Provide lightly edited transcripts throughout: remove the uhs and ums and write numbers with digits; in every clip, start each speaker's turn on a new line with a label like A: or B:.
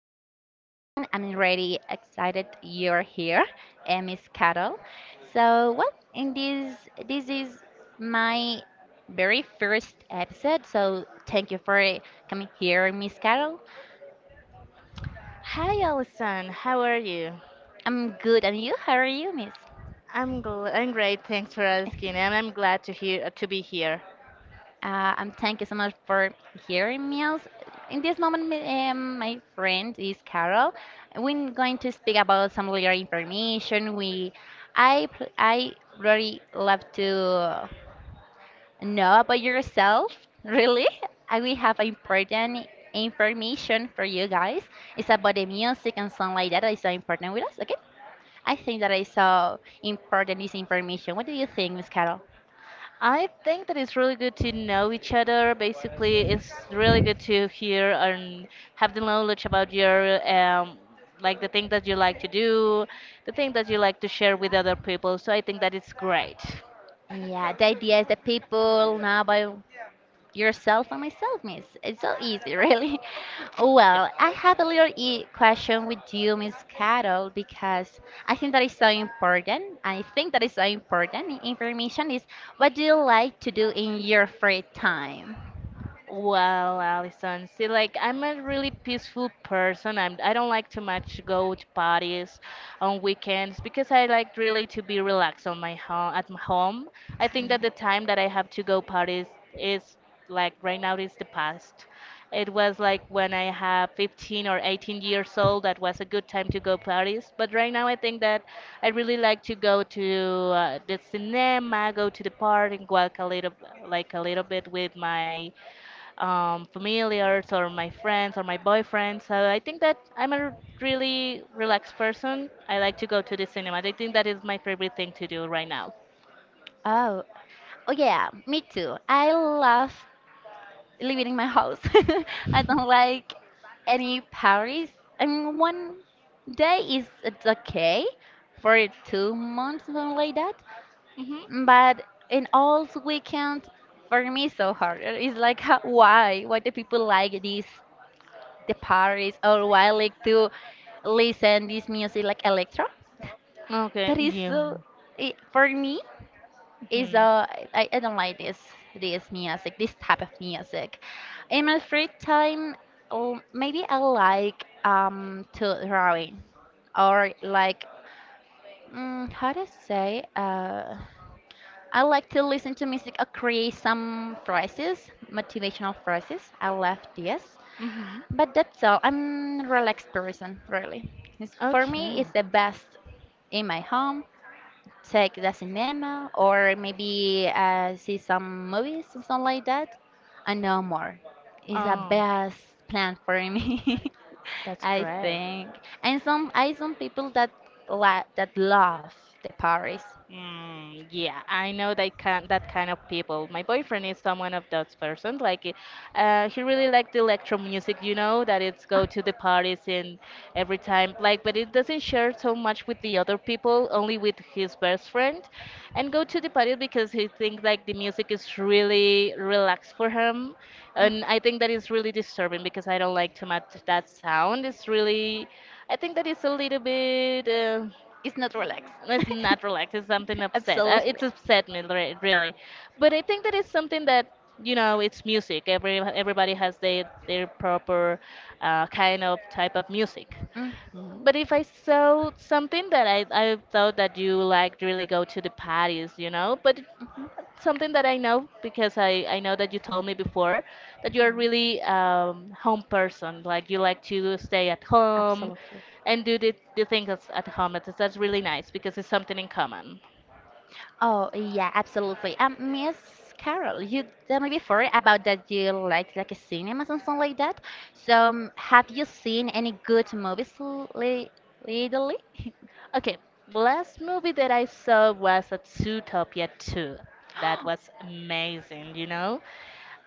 A: name is Alison. I'm really excited you're here, and Miss Carol. So well, in this this is my very first episode. So thank you for coming here, Miss Carol.
B: Hi, Alison. How are you?
A: I'm good, and you? How are you, Miss?
B: I'm great. Thanks for asking, and I'm glad to hear to be here.
A: And thank you so much for hearing me out. In this moment, my friend is Carol. We're going to speak about some little information. I really love to know about yourself, really. And we have important information for you guys. It's about the music and something like that that is so important with us, okay? I think that is so important, this information. What do you think, Miss Carol?
B: I think that it's really good to know each other. Basically, it's really good to hear and have the knowledge about your like the thing that you like to do, the thing that you like to share with other people. So I think that it's great.
A: Yeah, the ideas, that people know about yourself and myself, Miss. It's so easy, really.
B: Yeah.
A: Well, I have a little e question with you, Miss Carol, because I think that is so important. I think that is so important Information is, what do you like to do in your free time?
B: Well, Allison, see, like I'm a really peaceful person. I don't like too much go to parties on weekends because I like really to be relaxed on my home at my home. I think
A: Yeah.
B: that the time that I have to go parties is like right now is the past. It was like when I have 15 or 18 years old, that was a good time to go parties. But right now, I think that I really like to go to the cinema, go to the park, and walk a little, like a little bit with my familiars or my friends or my boyfriend. So I think that I'm a really relaxed person. I like to go to the cinema. I think that is my favorite thing to do right now.
A: Oh, oh, yeah, me too. I love living in my house. I don't like any parties. I mean, one day is it's okay for 2 months, something like that.
B: Hmm
A: But in all weekend, for me, it's so hard. It's like, how, why? Why do people like this, the parties, or why like to listen this music like electro?
B: Okay,
A: That is
B: you.
A: so. It, for me, is
B: Hmm
A: uh I don't like this music, this type of music in my free time. Oh, maybe I like to drawing, or like, mm, how to say I like to listen to music or create some phrases, motivational phrases. I love this,
B: hmm
A: but that's all. I'm relaxed person, really. It's, for me,
B: Okay.
A: it's the best in my home. Take the cinema or maybe, see some movies, something like that, and no more. It's the
B: Oh,
A: best plan for me,
B: that's
A: I
B: great.
A: think. And some people that la that love the Paris.
B: Mm, yeah, I know that kind of people. My boyfriend is someone of those persons. Like, he really liked the electro music, you know, that it's go to the parties and every time. Like, but it doesn't share so much with the other people, only with his best friend, and go to the parties because he thinks like the music is really relaxed for him,
A: Mm.
B: and I think that is really disturbing because I don't like too much that sound. It's really, I think that it's a little bit.
A: It's not relaxed.
B: It's not relaxed. It's something upset,
A: Absolutely.
B: it's upset me really. But I think that it's something that, you know, it's music. Everybody has their proper kind of type of music.
A: Mhm. Mhm.
B: But if I saw something that I thought that you liked really go to the parties, you know, but something that I know because I know that you told me before that you're really home person. Like you like to stay at home and do the things at home. That's really nice because it's something in common.
A: Oh yeah, absolutely. Miss Carol, you told me before about that you like a cinema and something like that. So, have you seen any good movies lately?
B: Okay, last movie that I saw was a Zootopia 2. That was amazing, you know?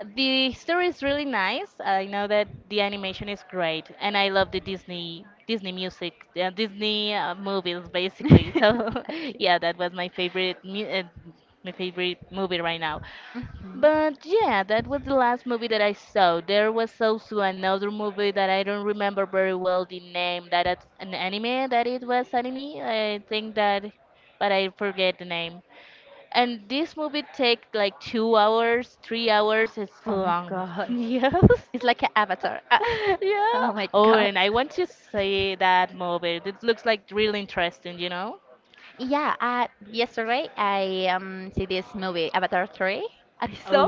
B: The story is really nice. I know that the animation is great, and I love the Disney music, Disney movies basically. So
A: Okay.
B: yeah, that was my favorite movie right now.
A: Mhm.
B: But yeah, that was the last movie that I saw. There was also another movie that I don't remember very well the name. That it's an anime that it was anime. I think that, but I forget the name. And this movie take like 2 hours, 3 hours. It's
A: Oh my
B: long.
A: god.
B: Yes.
A: It's like an avatar. Yeah.
B: yeah.
A: Oh my.
B: Oh, and I want to see that movie. It looks like really interesting, you know?
A: Yeah, yesterday I see this movie Avatar 3, I saw.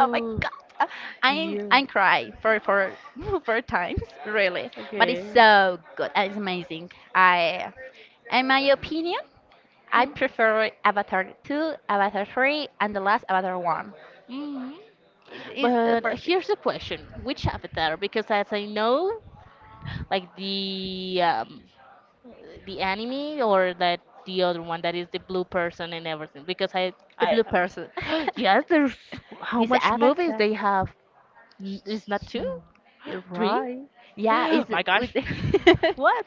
A: Oh my god. Uh, I
B: Yeah.
A: I cry for for times, really, but
B: Okay.
A: it's so good. It's amazing. I, in my opinion, I
B: Hmm.
A: prefer Avatar two, Avatar three, and the last Avatar one.
B: Mhm.
A: It is,
B: But
A: for me,
B: here's the question: which avatar? Because as I know, like the anime or that the other one that is the blue person and everything because
A: the
B: I,
A: blue person.
B: yes, there's how
A: This
B: much movies
A: Avatar,
B: they have. It's not two.
A: you
B: three.
A: right? Yeah, is
B: my
A: with.
B: gosh, what?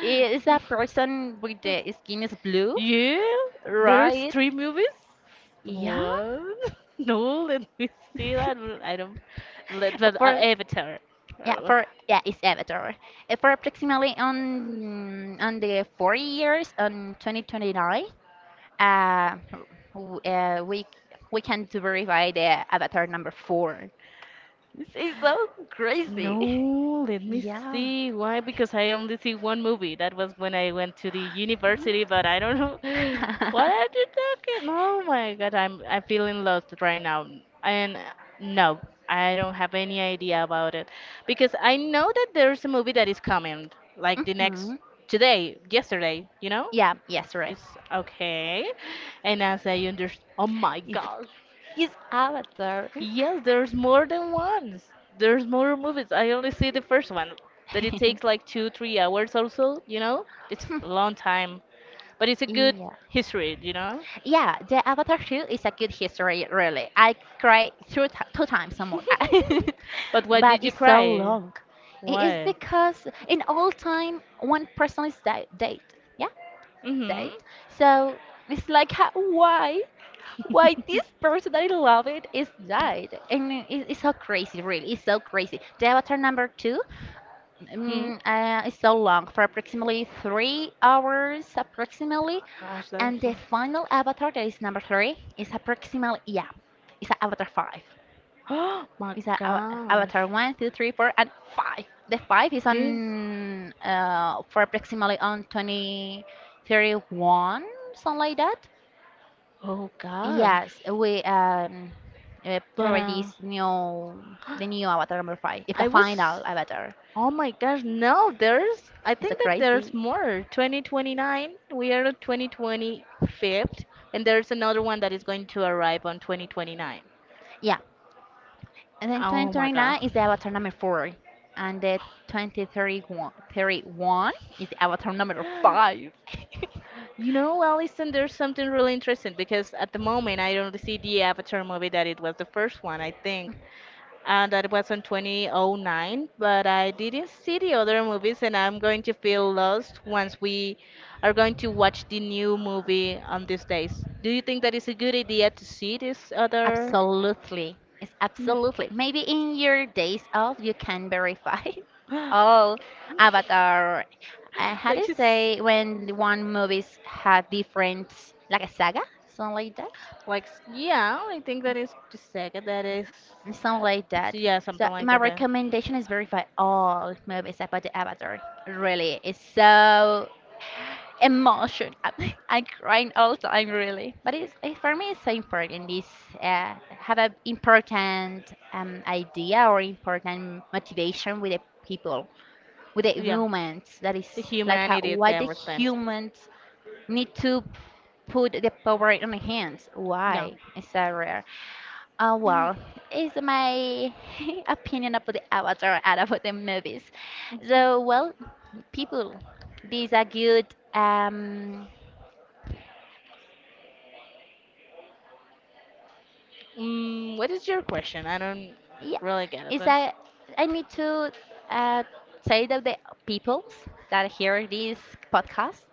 A: Is a person with the skin is blue,
B: Yeah, there's
A: right?
B: three movies.
A: Yeah.
B: What? no, let me see that. I don't, let, but
A: For
B: Avatar.
A: Yeah,
B: Uh,
A: for yeah, it's Avatar. For approximately on the 4 years on 2029, uh, w- uh, we we can to verify the Avatar number 4. This is so crazy.
B: No, let me
A: Yeah.
B: see. Why? Because I only see one movie. That was when I went to the university, but I don't know. What are you talking? Oh my God, I'm feeling lost right now. And no, I don't have any idea about it. Because I know that there's a movie that is coming, like the next
A: Hmm.
B: today, yesterday, you know?
A: Yeah. Yes, right.
B: It's okay. And as I understand, oh my
A: It
B: God.
A: is Avatar.
B: Yes, there's more than ones. There's more movies. I only see the first one. That it takes like two, 3 hours also, you know? It's a long time. But it's a good
A: Yeah.
B: history, you know?
A: Yeah, the Avatar 2 is a good history, really. I cried two times or more.
B: But why
A: But
B: did you
A: it's so
B: cry?
A: long. It is
B: Why?
A: because in all time, one person is dead. Yeah,
B: Mm-hmm.
A: dead. So it's like, why? Why this person that I love it is died? And it's so crazy, really. It's so crazy. The Avatar number 2.
B: hmm.
A: It's so long for approximately 3 hours, approximately.
B: Gosh, that's
A: And the
B: some.
A: final avatar, that is number three, is approximately, yeah, it's a Avatar 5.
B: Oh my
A: It's a
B: gosh.
A: Avatar one, 2, 3, 4, and 5. The 5 is
B: This.
A: on for approximately on 2031, something like that.
B: Oh gosh.
A: Yes, we
B: But
A: provide this new, the new Avatar number 5. It's the
B: I was,
A: final Avatar.
B: oh my gosh, no, there's, I
A: It's a
B: think that
A: crazy.
B: there's more. 2029, we are at 2025, and there's another one that is going to arrive on 2029.
A: Yeah, and then
B: Oh my god.
A: 2029 is the Avatar number 4. And the 2031, 31, thirty-one is the Avatar number 5.
B: You know, Allison, there's something really interesting because at the moment I don't see the Avatar movie that it was the first one, I think, and that was in 2009. But I didn't see the other movies, and I'm going to feel lost once we are going to watch the new movie on these days. Do you think that it's a good idea to see this other?
A: Absolutely. It's absolutely. Maybe in your days off, you can verify
B: Mm.
A: all Avatar. Uh, how do
B: like
A: you
B: she's
A: say when one movies have different, like a saga, something like that?
B: like yeah, I think that is the second. That is
A: And something like that.
B: yeah,
A: So
B: something like
A: my
B: that. Then
A: recommendation is verify all movies about the Avatar. Really, it's so emotion. I'm crying all the time, really. But for me, it's so important. It's, have an important idea or important motivation with the people, with the
B: yeah,
A: humans. That
B: the
A: is like how,
B: humanity, the
A: why the
B: everything.
A: humans need to put the power in the hands.
B: Yeah.
A: Why is that rare? Oh well, it's my opinion about the Avatar and about the movies.
B: Mm-hmm.
A: So well, people, these are good. Um,
B: Mm, what is your question? I don't
A: Yeah,
B: really get it.
A: it's
B: But...
A: I need to uh, say that the peoples that hear this podcast,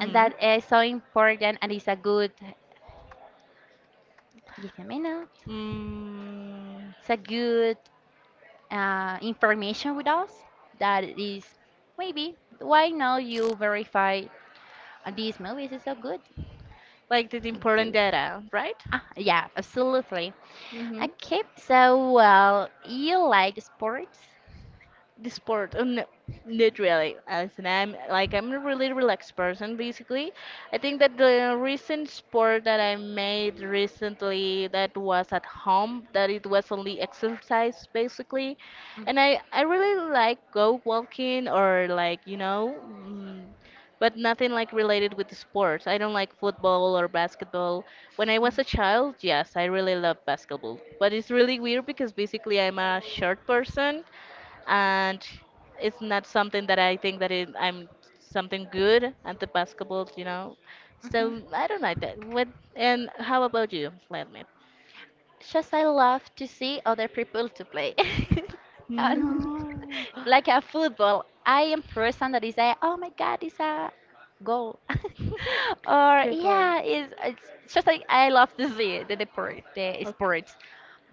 A: and that is so important, and it's a good, give me a minute,
B: Mm,
A: it's a good, information with us, that is, maybe why not you verify, these movies is so good.
B: like this important
A: Indeed.
B: data, right?
A: Ah, yeah, absolutely.
B: Mm-hmm.
A: Okay, so well, you like sports?
B: The sport. No, not really. Listen, I'm a really relaxed person. Basically, I think that the recent sport that I made recently that was at home, that it was only exercise basically,
A: Mm.
B: and I really like go walking or like you know. Mm, but nothing like related with the sports. I don't like football or basketball. When I was a child, yes, I really loved basketball. But it's really weird because basically I'm a short person and it's not something that I think that it, I'm something good at the basketball, you know. So I don't like that. What and how about you, Vladimir?
A: Just I love to see other people to play. And
B: No.
A: like a football, I am person that is a, oh my god, it's a goal. Or
B: Kick off.
A: yeah, it's just like I love to see the sport, the
B: Okay.
A: sports,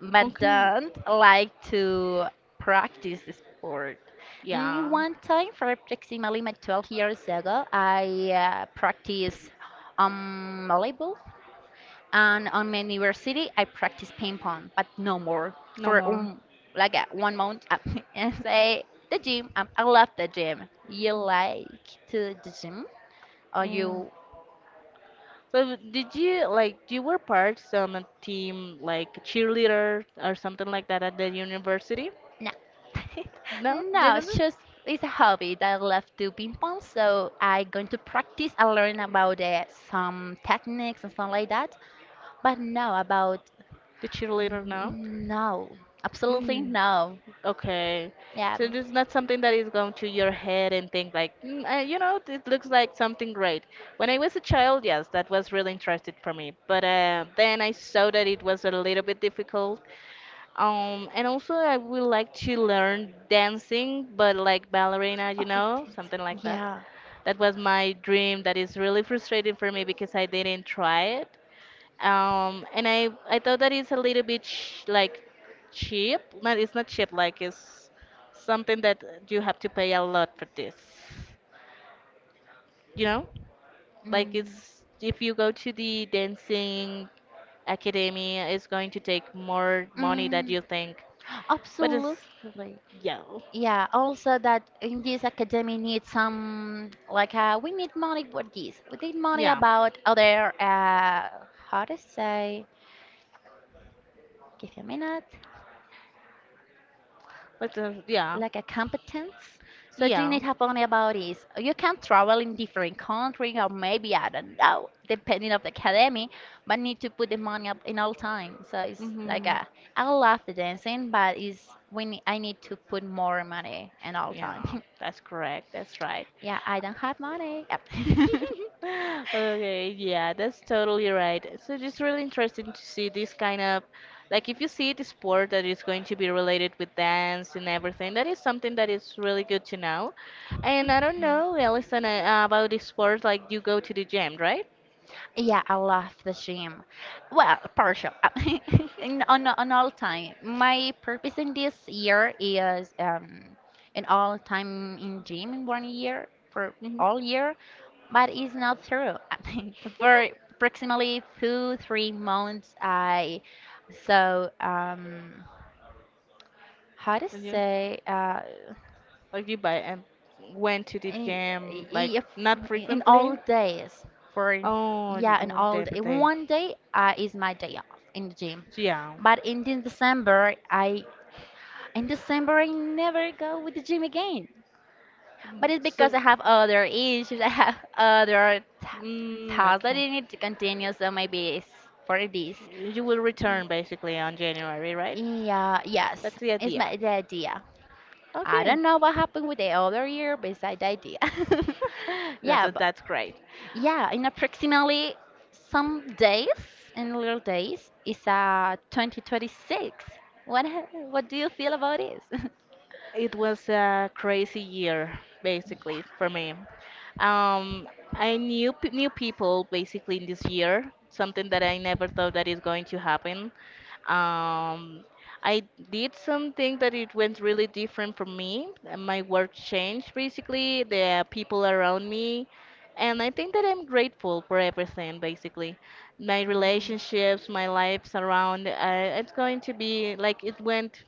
A: but
B: Okay.
A: don't like to practice the sport.
B: Yeah.
A: One time, for approximately my 12 years ago, I practiced volleyball, and on my university I practice ping pong, but no more
B: No
A: for
B: more.
A: 1 month. And say the gym, I love the gym. You like to the gym? Or
B: Mm.
A: you?
B: So did you like you were part on a team like cheerleader or something like that at the university?
A: No,
B: No,
A: no.
B: didn't.
A: It's just, it's a hobby that I love to ping pong. So I going to practice. I learn about, some techniques and stuff like that, but no about.
B: The cheerleader now?
A: No, absolutely
B: Mm.
A: no.
B: Okay.
A: Yeah.
B: So this is not something that is going to your head and think like, mm, I, you know, it looks like something great. When I was a child, yes, that was really interesting for me. But then I saw that it was a little bit difficult. And also I would like to learn dancing, but like ballerina, you
A: Oh,
B: know,
A: thanks.
B: something like that.
A: Yeah.
B: That was my dream. That is really frustrating for me because I didn't try it. And I thought that it's a little bit sh like cheap. No, it's not cheap. Like it's something that you have to pay a lot for this. You know, like
A: Mm.
B: it's if you go to the dancing academy, it's going to take more money that
A: Mm.
B: you think. But it's
A: Absolutely.
B: yeah,
A: Yeah, also that in this academy needs some, like, we need money for this. We need money
B: yeah,
A: about other, how to say, give me a minute,
B: but yeah,
A: like a competence. So do you
B: yeah.
A: need have only about is you can travel in different country, or maybe I don't know, depending of the academy, but need to put the money up in all time. So it's like
B: hmm
A: a, I love the dancing, but it's when I need to put more money in all time.
B: Yeah, that's correct. That's right.
A: Yeah, I don't have money. Yep.
B: Okay, yeah, that's totally right. So it's really interesting to see this kind of like if you see the sport that is going to be related with dance and everything, that is something that is really good to know. And I don't know, Alison, about the sport, like you go to the gym, right?
A: Yeah, I love the gym. Well, partial. On all time. My purpose in this year is, an all time in gym in 1 year for
B: hmm
A: all year, but it's not true. For approximately two, 3 months, I, so how to
B: Yeah.
A: say
B: Like you buy and went to the
A: I-
B: gym like
A: if
B: not
A: in all
B: frequently.
A: days, for
B: Oh, you
A: yeah,
B: you
A: in
B: went
A: all
B: every
A: day,
B: day.
A: one day, is my day off in the gym.
B: Yeah.
A: But in December I never go with the gym again.
B: Mm,
A: But it's because
B: so,
A: I have other issues. I have other
B: mm,
A: tasks that
B: okay.
A: I need to continue. So maybe it's for this.
B: You will return basically on January, right?
A: Yeah, yes,
B: That's the
A: it's
B: idea.
A: my the idea. I
B: Okay.
A: don't know what happened with the other year, but it's the idea. Yeah, but
B: That's great.
A: yeah, in approximately some days, in little days, it's 2026. What do you feel about this?
B: It was a crazy year, basically, for me. Um, I knew p new people basically in this year, something that I never thought that is going to happen. Um, I did something that it went really different for me. My work changed basically, the people around me, and I think that I'm grateful for everything basically. My relationships, my lives around, it's going to be like it went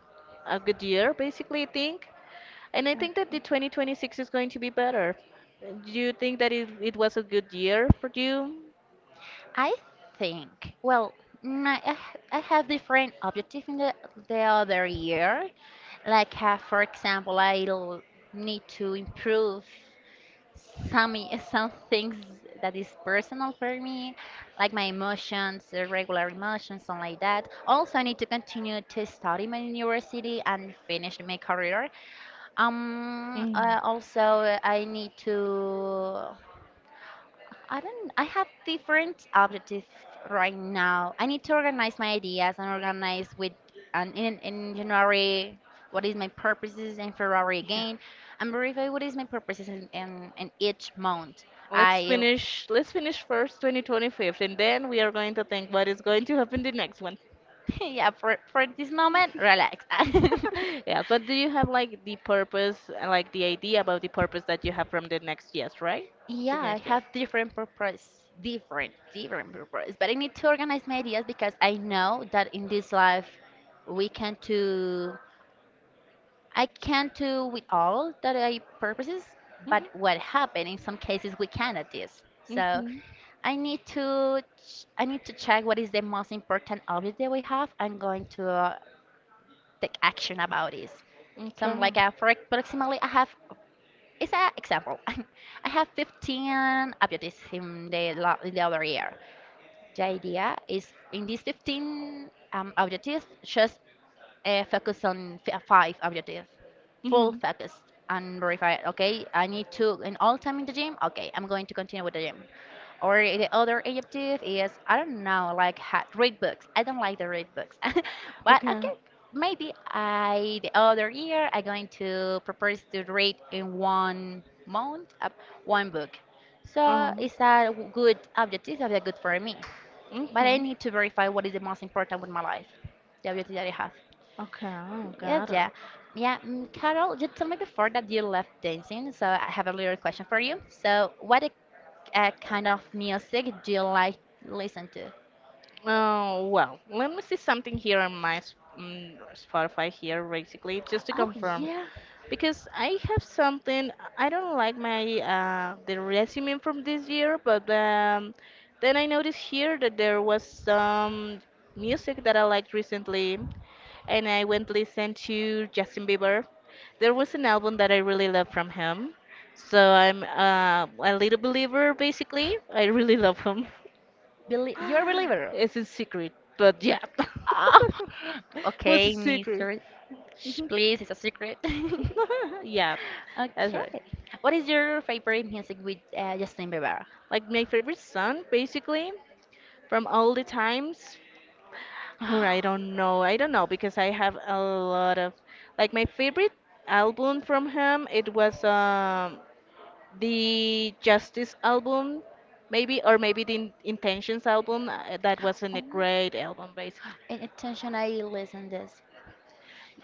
B: a good year basically, I think. And I think that the 2026 is going to be better. Do you think that it was a good year for you?
A: I think, well, mm, I, I h- I have different objectives in the other year. Like, for example, I'll need to improve some things that is personal for me, like my emotions, regular emotions, something like that. Also, I need to continue to study my university and finish my career.
B: Mm.
A: Also, I need to. I don't. I have different objectives right now. I need to organize my ideas and organize with. And in January, what is my purposes? In February
B: Yeah.
A: again, and verify what is my purposes in each month.
B: Let's
A: I.
B: finish let's finish first 2025 and then we are going to think what is going to happen the next one.
A: Yeah, for this moment, relax.
B: Yeah, but do you have like the purpose, like the idea about the purpose that you have from the next years, right? The
A: Yeah, I
B: next year.
A: have different purpose, different purpose. But I need to organize my ideas, because I know that in this life we can not do, I can't do with all that I purposes, but what happened in some cases we can at this. So
B: Mhm.
A: I need to check what is the most important object that we have. I'm going to, take action about this.
B: Mhm.
A: So I'm like,
B: Okay.
A: for approximately, I have it's an example. I have 15 objectives in in the other year. The idea is, in these 15 objectives, just focus on five objectives, full
B: hmm
A: focus, and verify. Okay, I need to in all time in the gym. Okay, I'm going to continue with the gym, or the other objective is I don't know, like read books. I don't like to read books, but
B: Okay.
A: okay. Maybe I the other year I going to propose to read in 1 month, one book. So
B: Oh.
A: it's a good objective, it's a good for me. But I
B: hmm
A: need to verify what is the most important with my life, the objective that I have.
B: Okay,
A: Yes,
B: got it.
A: yeah. Yeah, Carol, you told me before that you left dancing, so I have a little question for you. So, what a, kind of music do you like listen to?
B: Oh well, let me see something here on my Spotify here, basically, just to
A: Oh,
B: confirm.
A: yeah.
B: Because I have something, I don't like my the resume from this year, but then I noticed here that there was some music that I liked recently, and I went listen to Justin Bieber. There was an album that I really love from him, so I'm a little believer, basically. I really love him.
A: Beli, you're a believer.
B: It's a secret, but yeah.
A: Oh,
B: What's a
A: okay,
B: secret?
A: mister. Shh, please, it's a secret.
B: Yeah, that's right.
A: Okay. What is your favorite music with Justin Bieber?
B: Like my favorite song, basically, from all the times. Oh, I don't know. I don't know because I have a lot of, like, my favorite album from him. It was the Justice album, maybe, or maybe the Intentions album. That wasn't a
A: Oh,
B: great album, basically.
A: and attention, I listen this.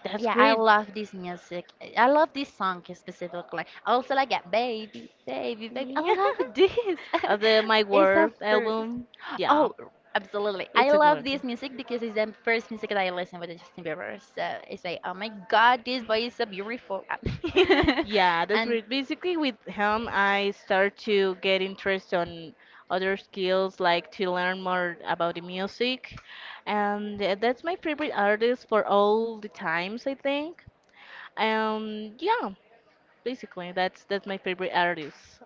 B: That's
A: Yeah, I
B: great.
A: love this music. I love this song specifically. I also like it, baby, baby, baby. I
B: Yeah.
A: love this.
B: The My
A: It's the
B: Word
A: first.
B: album. Yeah,
A: Oh, absolutely. I
B: it's a
A: love
B: good
A: this music because it's the first music that I listen with Justin Bieber. So it's like, oh my God, this boy is so beautiful.
B: one. Yeah, that's
A: And
B: great. Basically, with him, I start to get interest on other skills, like to learn more about the music, and that's my favorite artist for all the times, I think. Yeah, basically, that's my favorite artist.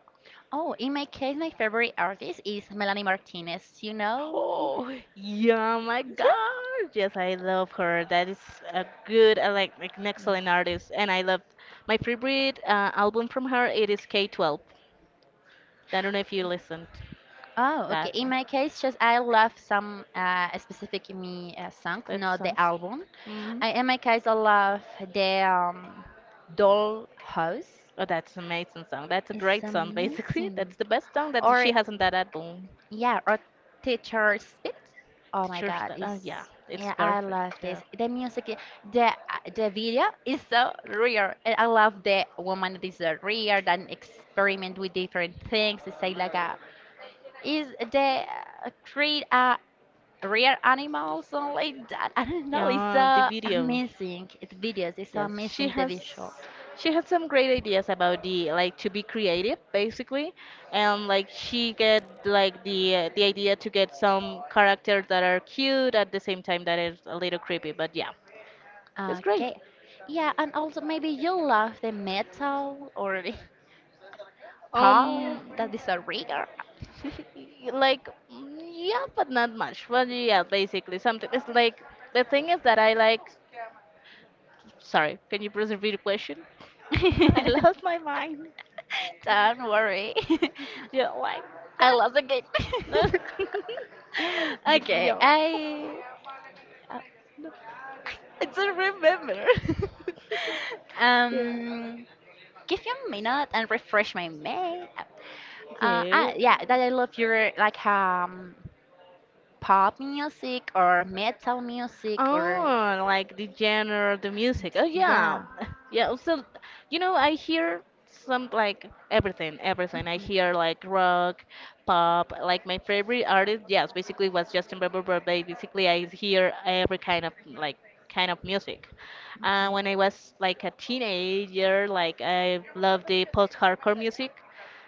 A: oh, in my case, my favorite artist is Melanie Martinez. You know?
B: Oh, yeah, my
A: Yeah.
B: God. Yes, I love her. That is a good, I like an excellent artist. And I loved my favorite album from her. It is K-12. I don't know if you listened
A: Oh, okay.
B: that
A: In
B: one.
A: my case, just I love some specific me songs,
B: That
A: not the
B: songs.
A: album.
B: hmm
A: I, in my case, I love the doll house.
B: Oh, that's an amazing song. That's a
A: It's
B: great song, basically.
A: amazing.
B: That's the best song that
A: Or
B: she has on that album.
A: yeah, or teacher's spit. Oh my
B: Teacher's
A: God,
B: pet. Oh, yeah,
A: it's
B: it's
A: yeah, I love
B: perfect. Yeah.
A: this. The music, the video is so real, and I love the woman that is real and experiment with different things. It's like a is the create a real animals and like that. I don't know. It's
B: Yeah, the video.
A: amazing. It's videos. It's so
B: Yes, she
A: amazing the
B: has
A: visual.
B: she had some great ideas about, the like, to be creative, basically, and like she get like the idea to get some characters that are cute at the same time that is a little creepy, but yeah, it's great.
A: Okay. Yeah, and also maybe you love the metal or the pal.
B: um
A: That is a rigger.
B: like, yeah, but not much, but yeah, basically something it's like, the thing is that I like, sorry, can you please repeat the question? I lost my mind.
A: Don't worry.
B: Yeah, like, what?
A: I lost again.
B: No. You,
A: Okay,
B: yo.
A: uh, I don't remember.
B: Okay.
A: um, give me a minute and refresh my mail.
B: Okay.
A: Yeah, that I love your like pop music or metal music or
B: Oh, like the genre, the music. Oh yeah,
A: yeah.
B: yeah. So, you know, I hear some like everything,
A: Mhm.
B: everything. I hear like
A: Mhm.
B: rock, pop. Like my favorite artist, yes, basically was Justin Bieber, but basically I hear every kind of, like, kind of music. When I was like a teenager, like I loved the post-hardcore music,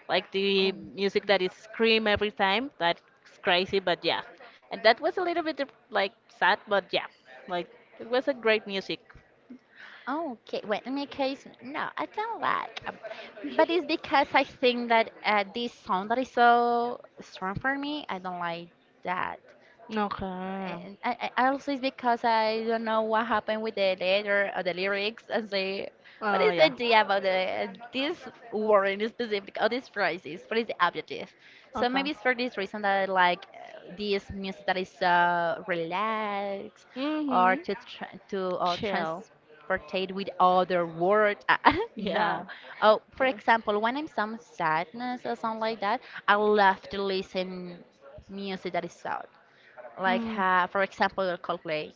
B: like the music that is scream every time. That's crazy, but yeah. And that was a little bit like sad, but yeah. Like it was a great music.
A: Oh. Okay, well, in my case, no, I don't like. But it's because I think that this sound that is so strong for me, I don't like that.
B: Okay.
A: And I also it's because I don't know what happened with the letter or the lyrics. I say, what
B: Oh
A: is the
B: yeah.
A: idea about the this word in specific or this phrases? What is the objective? So maybe
B: Okay.
A: it's for this reason that I like this music that is so relaxed, or
B: Mhm.
A: to tra to or
B: Chill.
A: transportate with other word. No,
B: Yeah.
A: oh, for
B: Good.
A: example, when I'm some sadness or something like that, I love to listen music that is sad, like
B: Mm.
A: for example the Coldplay.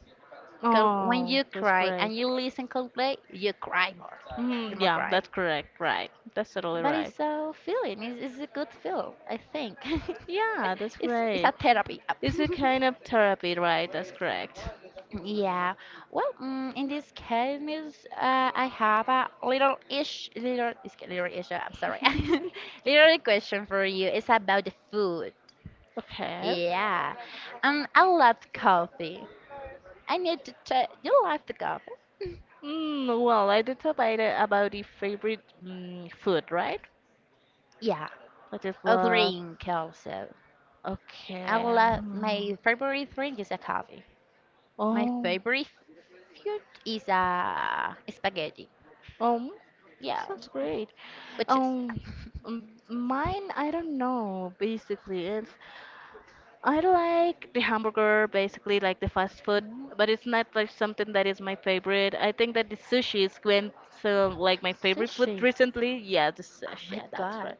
A: Col- When
B: Oh,
A: you
B: that's
A: cry
B: great.
A: and you listen Coldplay, you cry more.
B: Hmm.
A: You more
B: Yeah,
A: cry.
B: that's correct. Right. That's totally
A: But
B: right.
A: it's a feeling. It's a good feel, I think.
B: Yeah, that's
A: It's
B: great.
A: a therapy.
B: It's a kind of therapy, right? That's correct.
A: Yeah. Well, in this case, miss, I have a little ish, little, little ish. I'm sorry. Little question for you. It's about the food.
B: Okay.
A: Yeah. I love coffee. I need to check. You like the coffee?
B: Well, I did talk about the favorite, food, right?
A: Yeah.
B: What is
A: A
B: what?
A: drink also. I
B: Okay.
A: love
B: Mm.
A: my favorite drink is a coffee. My
B: Oh,
A: favorite food is spaghetti.
B: um,
A: Yeah,
B: sounds great.
A: which is.
B: Um, Mine, I don't know, basically. It's, I like the hamburger, basically like the fast food,
A: Mm.
B: but it's not like something that is my favorite. I think that the sushi is when, so like my favorite
A: Sushi.
B: food recently. Yeah, the
A: Oh
B: sushi,
A: my
B: yeah, that's
A: god.
B: right.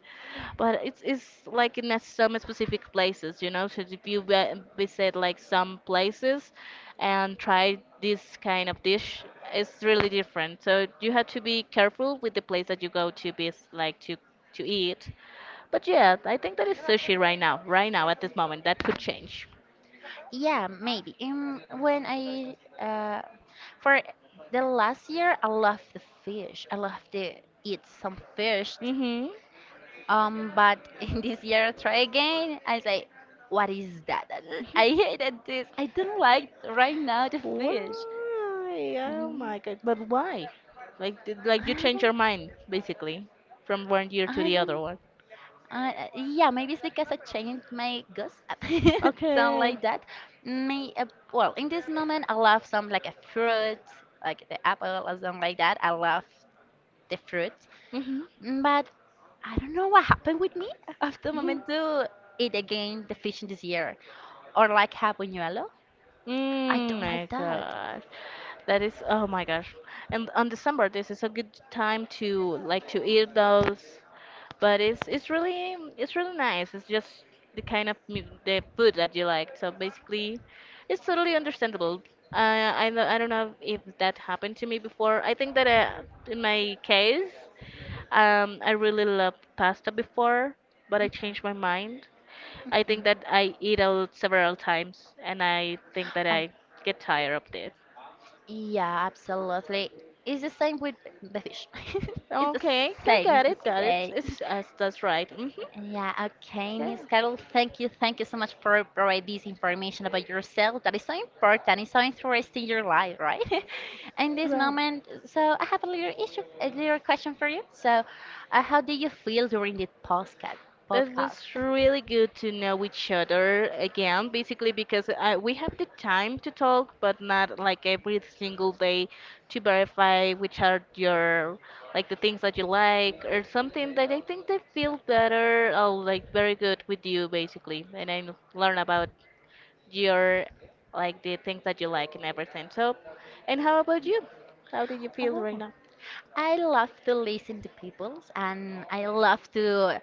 B: But it's like in some specific places, you know. So if you visit like some places and try this kind of dish, it's really different. So you have to be careful with the place that you go to be like to eat, but yeah, I think that is sushi right now, right now at this moment. That could change.
A: Yeah, maybe. When I uh, for the last year, I love the fish. I love to eat some fish.
B: Mm-hmm.
A: But in this year, try again. I say, what is that? I hated this. I don't like right now the fish.
B: Why? Oh
A: Mm,
B: my god. But why? Like you
A: I
B: change your mind
A: don't.
B: basically from one year to
A: I
B: the other
A: don't.
B: one.
A: Yeah, maybe it's because I changed my guess, something
B: Okay.
A: like that. May well, in this moment, I love some like a fruit, like the apple or something like that. I love the fruit.
B: Hmm.
A: But I don't know what happened with me after
B: Mhm.
A: Momento it again the fishing this year. Or like have Habuñuelo. I
B: Mm,
A: don't
B: my
A: like that.
B: gosh. That is, oh my gosh. And on December, this is a good time to like to eat those. But it's really nice. It's just the kind of the food that you like. So basically, it's totally understandable. I don't know if that happened to me before. I think that in my case. I really loved pasta before, but I
A: Mhm,
B: changed my mind. I think that
A: mhm.
B: I eat out several times, and I think that
A: Oh,
B: I get tired of it.
A: yeah, absolutely. It's the same with the fish. it's the
B: Okay, I
A: same,
B: got it,
A: it's the
B: got it.
A: same.
B: It's That's right. Hmm.
A: Yeah, okay,
B: Okay.
A: Miss Carol. Thank you. Thank you so much for providing this information about yourself. That is so important. It's so interesting in your life, right? In this
B: Right.
A: moment, so I have a little issue, a little question for you. So, how do you feel during the podcast?
B: That
A: Podcast.
B: was really good to know each other again, basically because we have the time to talk, but not like every single day to verify which are your, like, the things that you like or something that I think they feel better or like very good with you, basically, and I learn about your, like, the things that you like and everything. So, and how about you? How do you feel right
A: Oh,
B: now?
A: I love to listen to people and I love to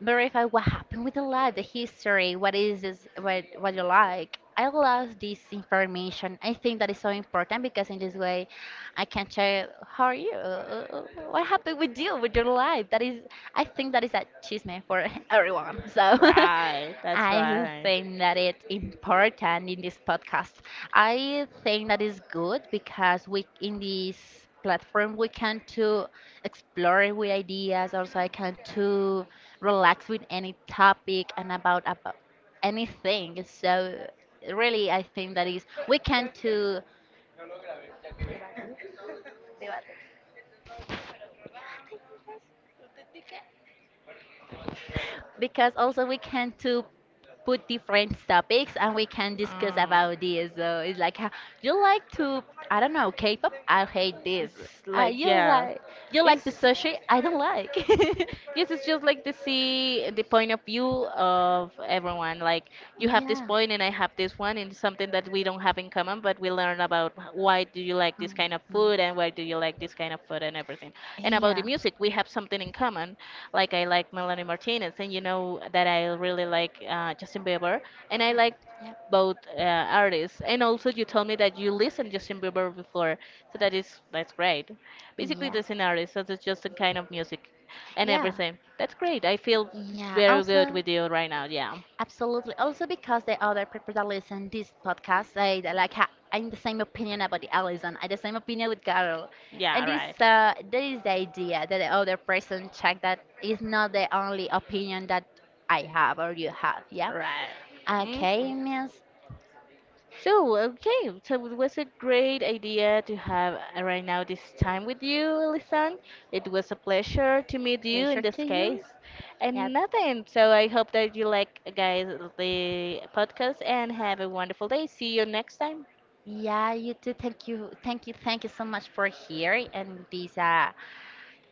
A: verify what happened with the life, the history, what is this, what you like. I love this information. I think that is so important because in this way I can check how are you? What happened with you, with your life? That is, I think that is a chisme for everyone. So
B: Right, that's
A: I
B: right.
A: think that it's important in this podcast. I think that is good because we in this platform we can to explore with ideas. Also, I can to relax with any topic and about anything. So really, I think that is we can to, because also we can to put different topics and we can discuss
B: Oh.
A: about this. So it's like "Ha- you like to I don't know K-pop. I hate this.
B: It's like
A: You
B: yeah,
A: like the
B: it's
A: sushi. I don't like.
B: yes, it's just like to see the point of view of everyone. Like you have this
A: Yeah.
B: point and I have this one, and it's something that we don't have in common, but we learn about why do you like this
A: Mhm.
B: kind of food and why do you like this kind of food and everything. And about the
A: Yeah.
B: music, we have something in common. Like I like Melanie Martinez, and you know that I really like Justin Bieber, and I like both artists. And also, you told me that you listened to Justin Bieber before, so that's great. Basically, the scenario, so it's just a kind of music and
A: Yeah. Yeah.
B: everything. That's great. I feel
A: Yeah,
B: very good
A: also,
B: with you right now. Yeah,
A: absolutely. Also, because the other people that listen this podcast they that like ha- I'm the same opinion about the Allison. I the same opinion with Carol, and
B: yeah,
A: this
B: right.
A: that is the idea that the other person check that is not the only opinion that I have or you have. Yeah.
B: Right. Mhm.
A: Okay, Miss.
B: So, okay, so it was a great idea to have right now this time with you, Lisan. It was a pleasure to meet you in
A: Pleasure
B: this
A: to you.
B: case. And
A: Yep.
B: nothing, so I hope that you like, guys, the podcast and have a wonderful day. See you next time.
A: Yeah, you too. Thank you. Thank you. Thank you so much for here and this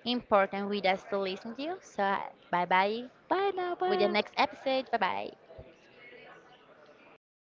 A: important with us to listen to you. So bye bye
B: Bye now,
A: with the
B: bye.
A: next episode. Bye bye.